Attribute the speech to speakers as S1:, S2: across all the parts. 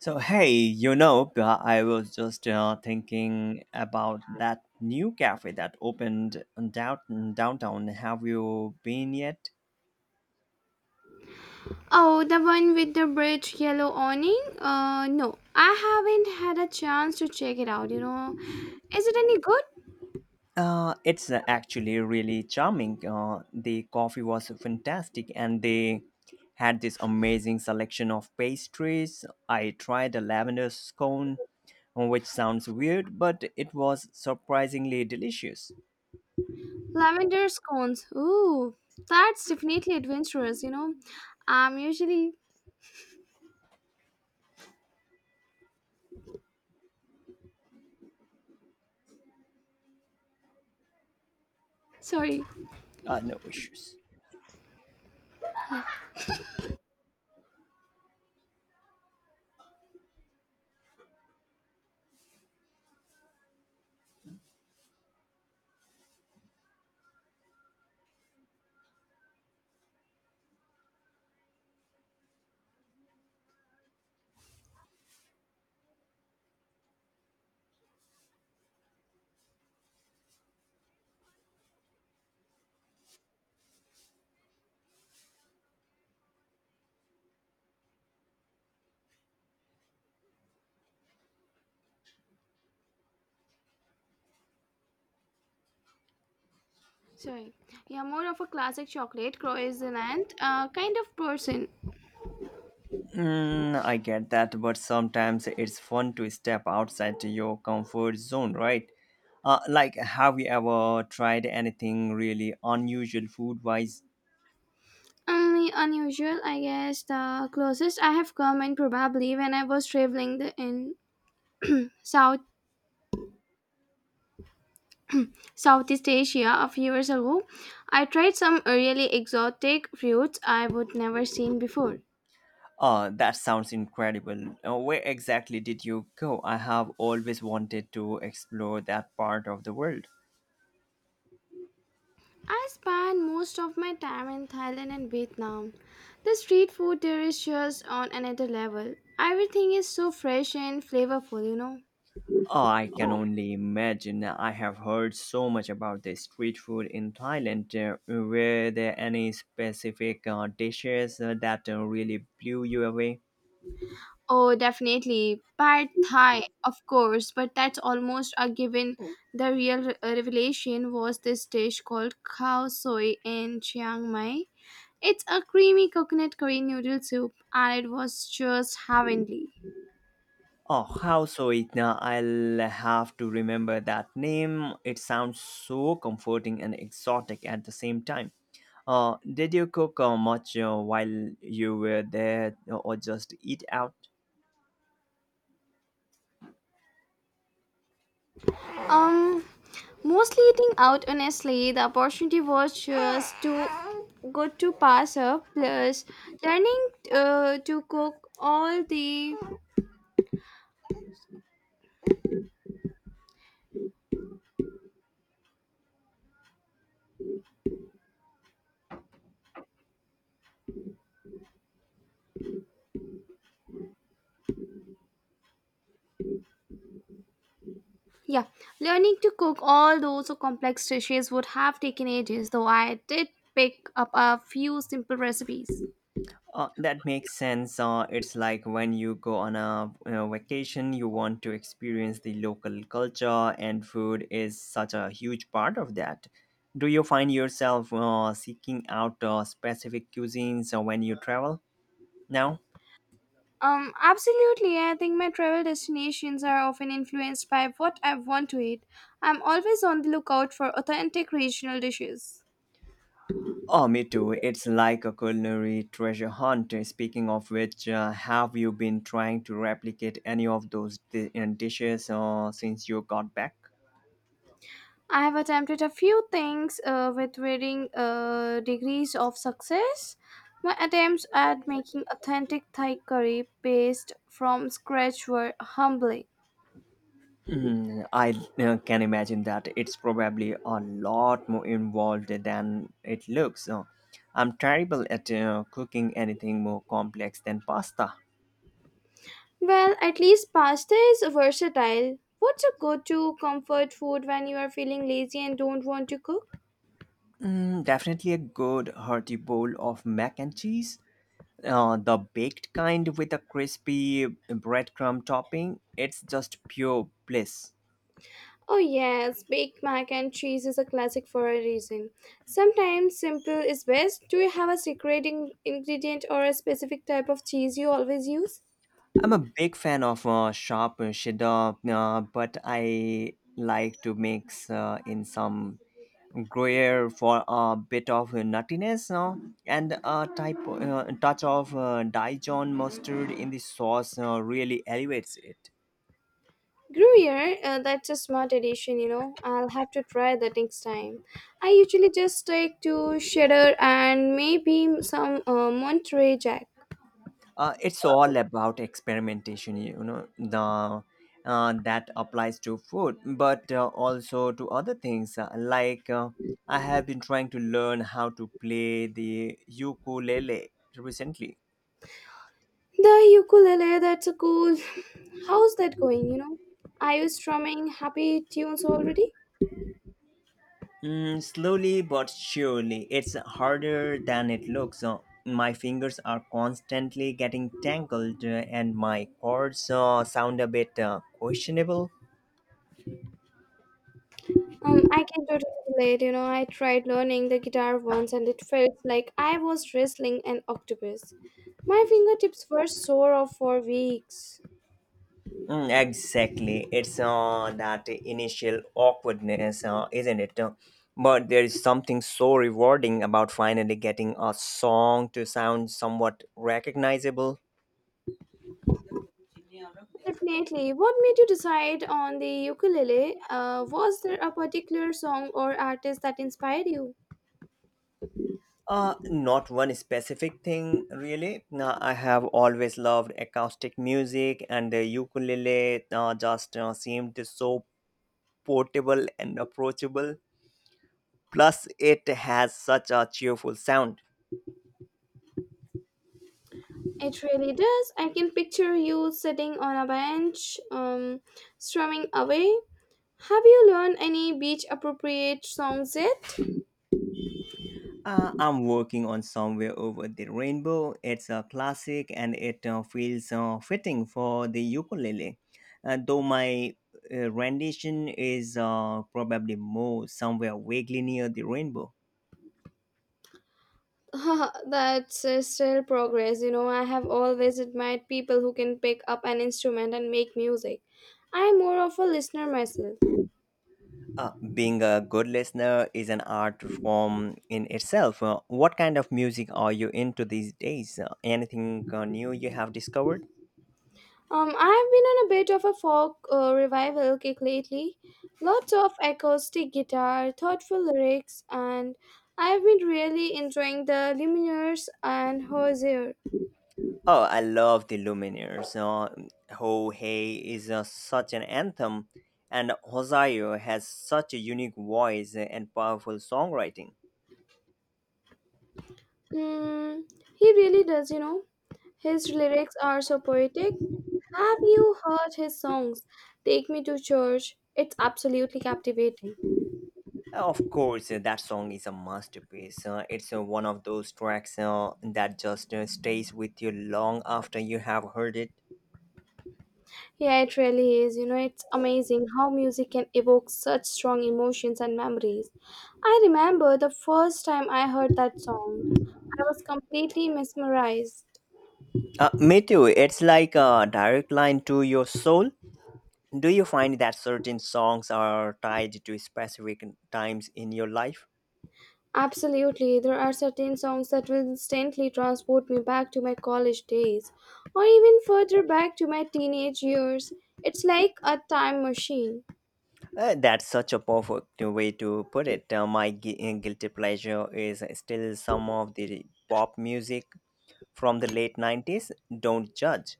S1: So hey, I was just thinking about that new cafe that opened in downtown. Have you been yet?
S2: Oh, the one with the bridge yellow awning? No, I haven't had a chance to check it out, you know. Is it any good?
S1: It's actually really charming. The coffee was fantastic, and they had this amazing selection of pastries. I tried a lavender scone, which sounds weird, but it was surprisingly delicious.
S2: Lavender scones. Ooh, that's definitely adventurous, you know. I'm usually, sorry,
S1: No issues.
S2: sorry. Yeah, more of a classic chocolate croissant kind of person.
S1: I get that, but sometimes it's fun to step outside to your comfort zone, right? Like, have you ever tried anything really unusual food wise?
S2: Only unusual, I guess, the closest I have come, and probably when I was traveling in South Southeast Asia a few years ago, I tried some really exotic fruits I would never seen before.
S1: That sounds incredible. Where exactly did you go? I have always wanted to explore that part of the world.
S2: I spent most of my time in Thailand and Vietnam. The street food there is just on another level. Everything is so fresh and flavorful, you know.
S1: Oh, I can only imagine. I have heard so much about the street food in Thailand. Were there any specific dishes that really blew you away?
S2: Oh, definitely. Pad Thai, of course, but that's almost a given. The real revelation was this dish called khao soi in Chiang Mai. It's a creamy coconut curry noodle soup and it was just heavenly.
S1: Oh, how so it now? I'll have to remember that name. It sounds so comforting and exotic at the same time. Did you cook much while you were there, or just eat out?
S2: Um mostly eating out honestly, the opportunity was just too good to pass up plus learning uh, to cook all the yeah, learning to cook all those complex dishes would have taken ages though I did pick up a few simple recipes.
S1: That makes sense. It's like when you go on a vacation, you want to experience the local culture, and food is such a huge part of that. Do you find yourself seeking out specific cuisines when you travel now?
S2: Absolutely. I think my travel destinations are often influenced by what I want to eat. I'm always on the lookout for authentic regional dishes.
S1: Oh, me too. It's like a culinary treasure hunt. Speaking of which, have you been trying to replicate any of those dishes since you got back?
S2: I have attempted a few things with varying degrees of success. My attempts at making authentic Thai curry paste from scratch were humbling.
S1: I can imagine that it's probably a lot more involved than it looks. I'm terrible at cooking anything more complex than pasta.
S2: Well, at least pasta is versatile. What's a go to comfort food when you are feeling lazy and don't want to cook?
S1: Definitely a good hearty bowl of mac and cheese. The baked kind, with a crispy breadcrumb topping, it's just pure bliss.
S2: Oh, yes, baked mac and cheese is a classic for a reason. Sometimes simple is best. Do you have a secret ingredient or a specific type of cheese you always use?
S1: I'm a big fan of sharp cheddar, but I like to mix in some Gruyere for a bit of nuttiness, no? And a type touch of Dijon mustard in the sauce really elevates it.
S2: Gruyere, that's a smart addition, you know. I'll have to try that next time. I usually just stick to cheddar and maybe some Monterey Jack.
S1: It's all about experimentation, the that applies to food, but also to other things, like I have been trying to learn how to play the ukulele recently.
S2: The ukulele, that's a cool. How's that going, you know? Are you strumming happy tunes already?
S1: Slowly but surely, it's harder than it looks. My fingers are constantly getting tangled, and my chords sound a bit questionable.
S2: I can totally relate. You know, I tried learning the guitar once and it felt like I was wrestling an octopus. My fingertips were sore off for weeks.
S1: Mm, exactly. It's that initial awkwardness, isn't it? But there is something so rewarding about finally getting a song to sound somewhat recognizable.
S2: Definitely. What made you decide on the ukulele? Was there a particular song or artist that inspired you?
S1: Not one specific thing, really. I have always loved acoustic music, and the ukulele just seemed so portable and approachable. Plus, it has such a cheerful sound.
S2: It really does. I can picture you sitting on a bench, strumming away. Have you learned any beach appropriate songs yet?
S1: I'm working on Somewhere Over the Rainbow. It's a classic, and it feels fitting for the ukulele. Though my rendition is probably more somewhere vaguely near the rainbow.
S2: That's still progress. You know, I have always admired people who can pick up an instrument and make music. I'm more of a listener myself.
S1: Being a good listener is an art form in itself. What kind of music are you into these days? Anything new you have discovered?
S2: I've been on a bit of a folk revival kick lately. Lots of acoustic guitar, thoughtful lyrics, and I've been really enjoying the Lumineers and Hozier.
S1: Oh, I love the Lumineers. Ho Hey is such an anthem, and Hosayo has such a unique voice and powerful songwriting.
S2: Hmm, he really does, you know. His lyrics are so poetic. Have you heard his songs? Take Me to Church. It's absolutely captivating.
S1: Of course, that song is a masterpiece. It's one of those tracks that just stays with you long after you have heard it.
S2: Yeah, it really is. You know, it's amazing how music can evoke such strong emotions and memories. I remember the first time I heard that song, I was completely mesmerized.
S1: Me too. It's like a direct line to your soul. Do you find that certain songs are tied to specific times in your life?
S2: Absolutely, there are certain songs that will instantly transport me back to my college days or even further back to my teenage years. It's like a time machine.
S1: That's such a perfect way to put it. My guilty pleasure is still some of the pop music from the late 90s. Don't judge.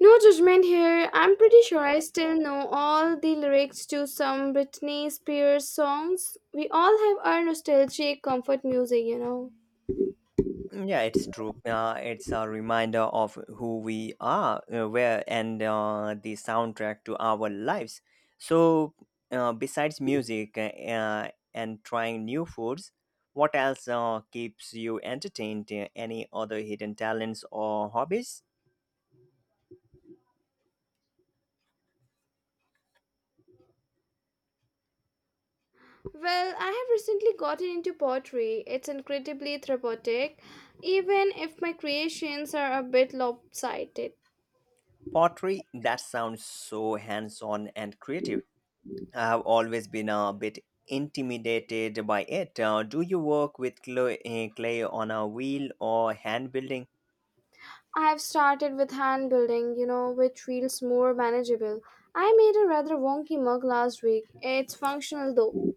S2: No judgment here. I'm pretty sure I still know all the lyrics to some Britney Spears songs. We all have our nostalgic comfort music, you know.
S1: Yeah, it's true. It's a reminder of who we are, where, and the soundtrack to our lives. So, besides music and trying new foods, what else keeps you entertained? Any other hidden talents or hobbies?
S2: Well, I have recently gotten into pottery. It's incredibly therapeutic, even if my creations are a bit lopsided.
S1: Pottery, that sounds so hands on and creative. I have always been a bit intimidated by it. Do you work with clay on a wheel, or hand building?
S2: I have started with hand building, you know, which feels more manageable. I made a rather wonky mug last week. It's functional though.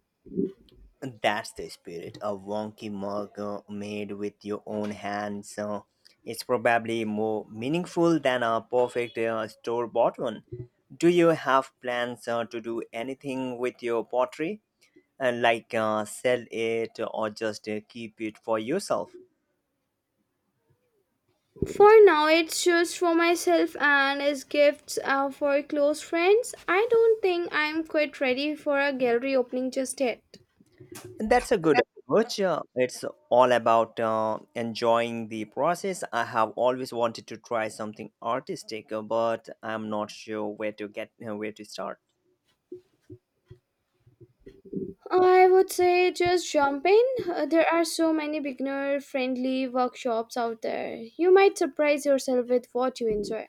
S1: That's the spirit. A wonky mug made with your own hands. It's probably more meaningful than a perfect store bought one. Do you have plans to do anything with your pottery? Like sell it, or just keep it for yourself?
S2: For now, it's just for myself and as gifts for close friends. I don't think I'm quite ready for a gallery opening just yet.
S1: That's a good approach. It's all about enjoying the process. I have always wanted to try something artistic, but I'm not sure where to start.
S2: I would say just jump in. There are so many beginner friendly workshops out there. You might surprise yourself with what you enjoy.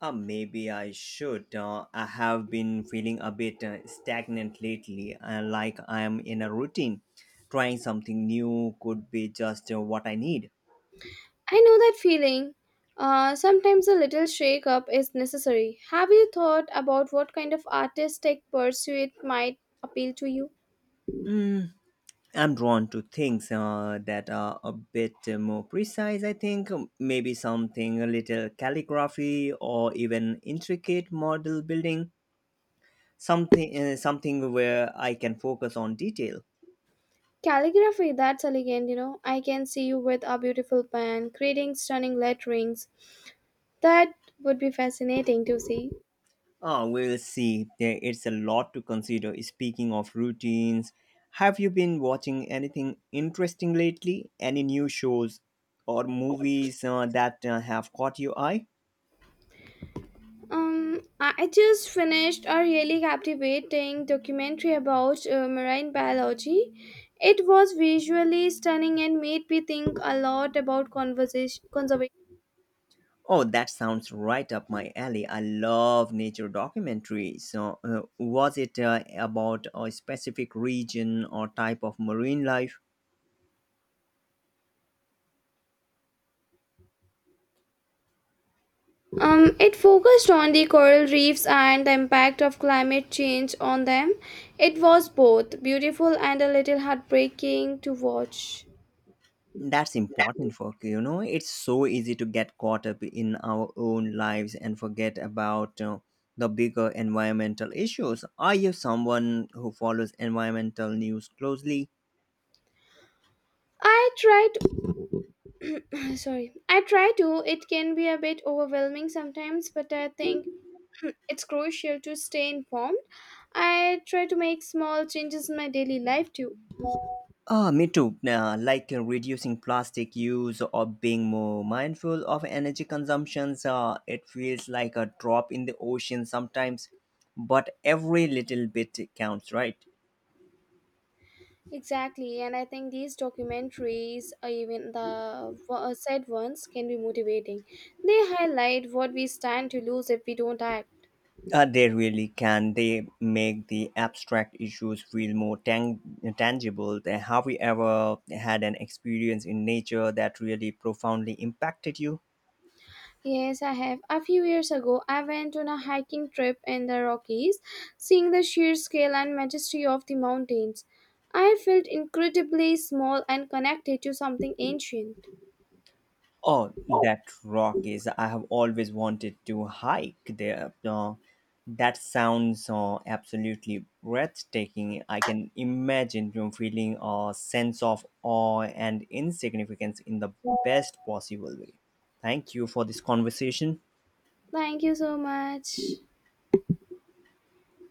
S1: Maybe I should. I have been feeling a bit stagnant lately, like I am in a routine. Trying something new could be just what I need.
S2: I know that feeling. Sometimes a little shake up is necessary. Have you thought about what kind of artistic pursuit might appeal to you?
S1: Mm, I'm drawn to things that are a bit more precise, I think. Maybe something a little calligraphy, or even intricate model building. Something where I can focus on detail.
S2: Calligraphy, that's elegant, you know. I can see you with a beautiful pen, creating stunning letterings. That would be fascinating to see.
S1: We'll see. There, it's a lot to consider. Speaking of routines, have you been watching anything interesting lately? Any new shows or movies that have caught your eye?
S2: I just finished a really captivating documentary about marine biology. It was visually stunning and made me think a lot about conversation conservation.
S1: Oh, that sounds right up my alley. I love nature documentaries. So, was it about a specific region or type of marine life?
S2: It focused on the coral reefs and the impact of climate change on them. It was both beautiful and a little heartbreaking to watch.
S1: That's important for you know. It's so easy to get caught up in our own lives and forget about the bigger environmental issues. Are you someone who follows environmental news closely?
S2: I try to, sorry, I try to. It can be a bit overwhelming sometimes, but I think it's crucial to stay informed. I try to make small changes in my daily life too.
S1: Me too. Like reducing plastic use, or being more mindful of energy consumptions, it feels like a drop in the ocean sometimes, but every little bit counts, right?
S2: Exactly, and I think these documentaries, or even the sad ones, can be motivating. They highlight what we stand to lose if we don't act.
S1: They really can. They make the abstract issues feel more tangible. Have you ever had an experience in nature that really profoundly impacted you?
S2: Yes, I have. A few years ago, I went on a hiking trip in the Rockies, seeing the sheer scale and majesty of the mountains. I felt incredibly small and connected to something ancient.
S1: Oh, that rock is. I have always wanted to hike there. That sounds absolutely breathtaking. I can imagine you feeling a sense of awe and insignificance in the best possible way. Thank you for this conversation.
S2: Thank you so much.